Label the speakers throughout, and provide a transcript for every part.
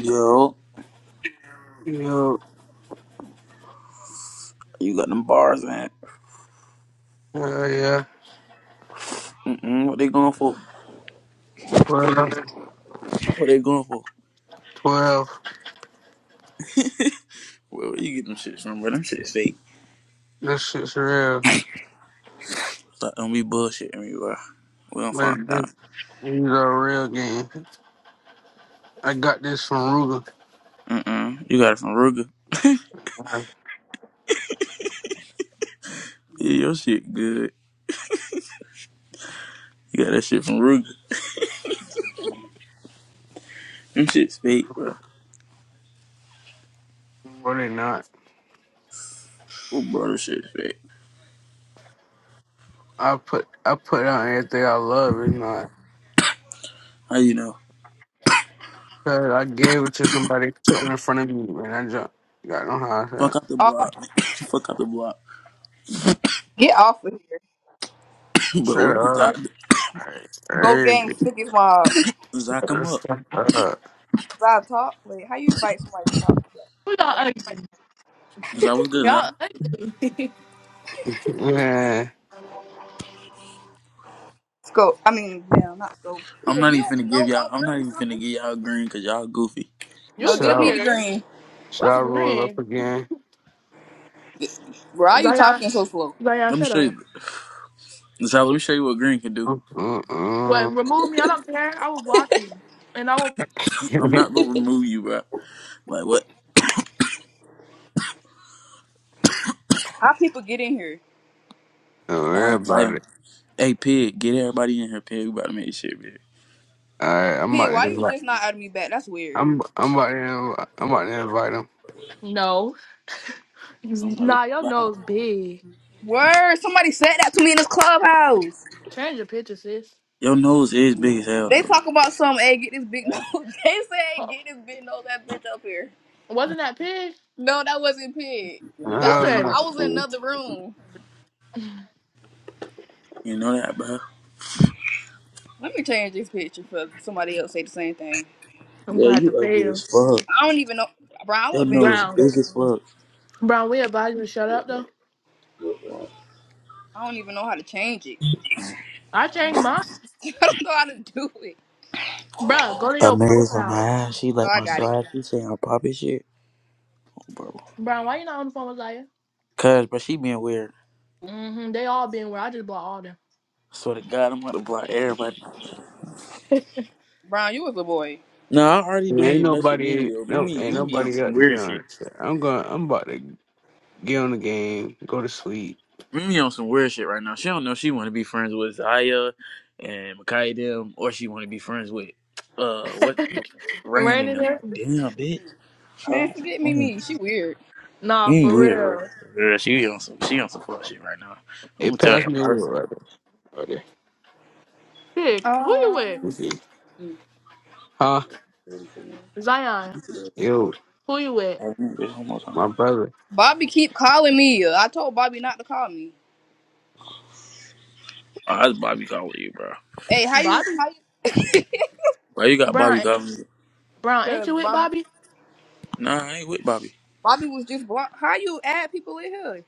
Speaker 1: Yo,
Speaker 2: Yo,
Speaker 1: you got them bars in.
Speaker 2: yeah, yeah.
Speaker 1: Mm-mm, what they going for?
Speaker 2: 12,
Speaker 1: What they going for?
Speaker 2: twelve.
Speaker 1: Where, where you get them shits from, bro? Them shits fake.
Speaker 2: This shit's real.
Speaker 1: Like, don't be bullshitting me, bro. We don't find
Speaker 2: Man, th-
Speaker 1: out.
Speaker 2: these are real games. I got this from
Speaker 1: Mm-mm. You got it from Ruger.
Speaker 2: Ruger.
Speaker 1: Yeah, your shit good. You got that shit from Ruger. Them shit's fake, bro.
Speaker 2: But they not.
Speaker 1: Oh, bro, them shit's fake.
Speaker 2: I put I put out everything I love. It's not.
Speaker 1: How you know?
Speaker 2: 'Cause I gave it to somebody sitting in front of me, man. I just got no how I said.
Speaker 1: Fuck out the
Speaker 3: Oh,
Speaker 1: block. man. Fuck out the block.
Speaker 3: get off of here.
Speaker 1: but
Speaker 2: Shut
Speaker 1: what is
Speaker 2: up.
Speaker 1: Zach?
Speaker 3: Go
Speaker 2: Hey,
Speaker 3: gang stickies while
Speaker 1: Zach, come up.
Speaker 2: shut up.
Speaker 3: I talk. Wait, how you invite somebody to talk?
Speaker 4: Who Y'all, ugly?
Speaker 1: Zach, what's good,
Speaker 4: y'all,
Speaker 1: Zach?
Speaker 4: ugly.
Speaker 2: Man,
Speaker 3: Scope. I mean, damn, not scope.
Speaker 1: I'm
Speaker 3: Pig,
Speaker 1: not
Speaker 3: you don't
Speaker 1: even finna
Speaker 3: know
Speaker 1: give y'all,
Speaker 3: one
Speaker 1: I'm not
Speaker 3: word or
Speaker 1: even finna
Speaker 3: something?
Speaker 1: give y'all green because y'all goofy.
Speaker 3: No,
Speaker 4: you
Speaker 2: should
Speaker 3: give me
Speaker 2: I,
Speaker 3: the
Speaker 4: weird.
Speaker 3: green.
Speaker 2: should
Speaker 4: What's
Speaker 2: I roll up
Speaker 4: green?
Speaker 2: again?
Speaker 3: Bro, why you
Speaker 4: Zion,
Speaker 3: talking so slow?
Speaker 4: Zion,
Speaker 1: Let me
Speaker 4: shut
Speaker 1: show
Speaker 4: up.
Speaker 1: you. Zach, let me show you what green can do.
Speaker 2: Uh-uh.
Speaker 4: What? Remove me? I don't care. I will block you, and I will.
Speaker 1: I'm
Speaker 2: Don't
Speaker 1: not gonna remove you, bro. Like what?
Speaker 3: How people get in here?
Speaker 2: worry
Speaker 1: I invite
Speaker 2: about it.
Speaker 1: him. Hey, pig, get everybody in here, pig. We about to make this shit big.
Speaker 2: All right, I'm about
Speaker 3: Pig,
Speaker 2: to
Speaker 3: why you
Speaker 2: invite.
Speaker 3: just not adding me back? That's weird.
Speaker 2: I'm I'm about to I'm about to invite him.
Speaker 4: No,
Speaker 1: I'm not gonna
Speaker 4: nah, your
Speaker 1: lie.
Speaker 4: nose big.
Speaker 3: Word, somebody said that to me in this clubhouse.
Speaker 4: Change your picture, sis.
Speaker 1: Your nose is big as hell,
Speaker 3: They
Speaker 1: though.
Speaker 3: talk about some, hey, get this big nose. they said, hey,
Speaker 4: Oh,
Speaker 3: get this big nose, that bitch up here.
Speaker 4: Wasn't that pig?
Speaker 3: No, that wasn't Pig.
Speaker 4: Who
Speaker 3: That
Speaker 2: No,
Speaker 3: was some,
Speaker 4: said it?
Speaker 3: I was in
Speaker 2: no,
Speaker 3: another room.
Speaker 1: You know that, bro?
Speaker 3: Let me change this picture for somebody else say the same thing.
Speaker 4: I'm
Speaker 1: Yeah,
Speaker 4: gonna have to
Speaker 1: you
Speaker 4: pay
Speaker 1: ugly
Speaker 4: him.
Speaker 1: as fuck.
Speaker 3: I don't even know, bro. I
Speaker 1: Your
Speaker 3: look better than you,
Speaker 1: nose is
Speaker 4: Brown,
Speaker 1: big
Speaker 3: thirty.
Speaker 1: as fuck.
Speaker 4: Brown, we advise you to shut up though.
Speaker 3: I don't even know how to change it.
Speaker 4: I changed mine.
Speaker 3: I don't know how to do it.
Speaker 4: Bruh, go to your
Speaker 1: Amazed on
Speaker 4: profile.
Speaker 1: my ass. She
Speaker 3: Oh,
Speaker 1: like
Speaker 3: I
Speaker 1: my
Speaker 3: got it.
Speaker 1: size. She saying I'm popping shit, bro.
Speaker 4: Brown, why you not on the phone with Zaya?
Speaker 1: Cause, but she being weird.
Speaker 4: Mm-hmm. They all been where I just bought all them.
Speaker 1: Swear to God, I'm about to block everybody.
Speaker 3: Brown, you was a boy.
Speaker 1: Nah, I already don't
Speaker 2: ain't
Speaker 1: even mess with Mimi
Speaker 2: nobody
Speaker 1: though.
Speaker 2: no
Speaker 1: Mimi,
Speaker 2: ain't
Speaker 1: Mimi on
Speaker 2: nobody
Speaker 1: some
Speaker 2: up to get
Speaker 1: weird shit.
Speaker 2: on this shit. I'm going. I'm about to get on the game. Go to sleep.
Speaker 1: Mimi on some weird shit right now. She don't know if she want to be friends with Zaya and Makai them, or she want to be friends with uh what Rain
Speaker 4: Rain
Speaker 1: and
Speaker 4: in
Speaker 1: them.
Speaker 4: there?
Speaker 1: Like damn, bitch. All
Speaker 3: Man,
Speaker 1: right,
Speaker 3: forget me,
Speaker 1: Rain.
Speaker 3: me. She weird.
Speaker 4: Nah,
Speaker 1: Mimi
Speaker 4: for
Speaker 1: weird, bro.
Speaker 4: real.
Speaker 1: Girl, she on some she on some fuck shit right now. I'm
Speaker 2: It
Speaker 1: gonna tell her
Speaker 2: passed me
Speaker 1: about
Speaker 2: over
Speaker 1: herself.
Speaker 2: right there. Right there.
Speaker 4: Pig, who you with?
Speaker 2: You
Speaker 3: Um,
Speaker 2: see? Huh?
Speaker 4: Zion,
Speaker 1: Oh,
Speaker 2: Yo,
Speaker 4: who you with?
Speaker 1: Mimi, It's almost time.
Speaker 2: my brother.
Speaker 3: Bobby keep calling me. I told Bobby not to call me.
Speaker 1: Oh, that's Bobby calling you, bro.
Speaker 3: Hey, how you?
Speaker 4: Bobby?
Speaker 3: How you?
Speaker 1: Why you got
Speaker 4: Brown,
Speaker 1: Bobby calling you?
Speaker 4: Brown, ain't
Speaker 3: Cause
Speaker 4: you with
Speaker 3: Bob,
Speaker 4: Bobby?
Speaker 1: Nah, I ain't with Bobby.
Speaker 3: Bobby was just blocked. How you add people in here?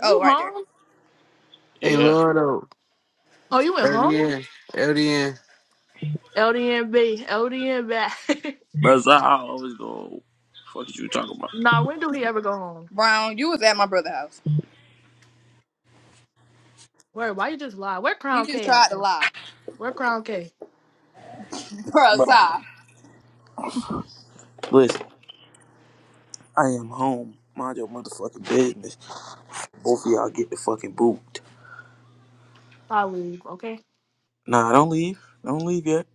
Speaker 4: You
Speaker 3: Oh, right there.
Speaker 4: home?
Speaker 2: Hey,
Speaker 1: Yeah,
Speaker 2: Lord, though.
Speaker 4: Oh, you went home?
Speaker 2: LDN.
Speaker 4: LDNB, LDNB.
Speaker 1: but Zaya always go. Fuck is you talking about,
Speaker 4: nah, when do he ever go home?
Speaker 3: Brown, you was at my brother's house.
Speaker 4: Where? Why you just lie? Where
Speaker 3: He
Speaker 4: Crown
Speaker 3: just
Speaker 4: K at?
Speaker 3: tried to
Speaker 4: Bro?
Speaker 3: lie,
Speaker 4: Where Crown K?
Speaker 3: bro.
Speaker 1: bro? Listen, I am home. Mind your motherfucking business. Both of y'all get the fucking boot.
Speaker 4: Hollywood, okay?
Speaker 1: Nah, don't leave. Don't leave yet.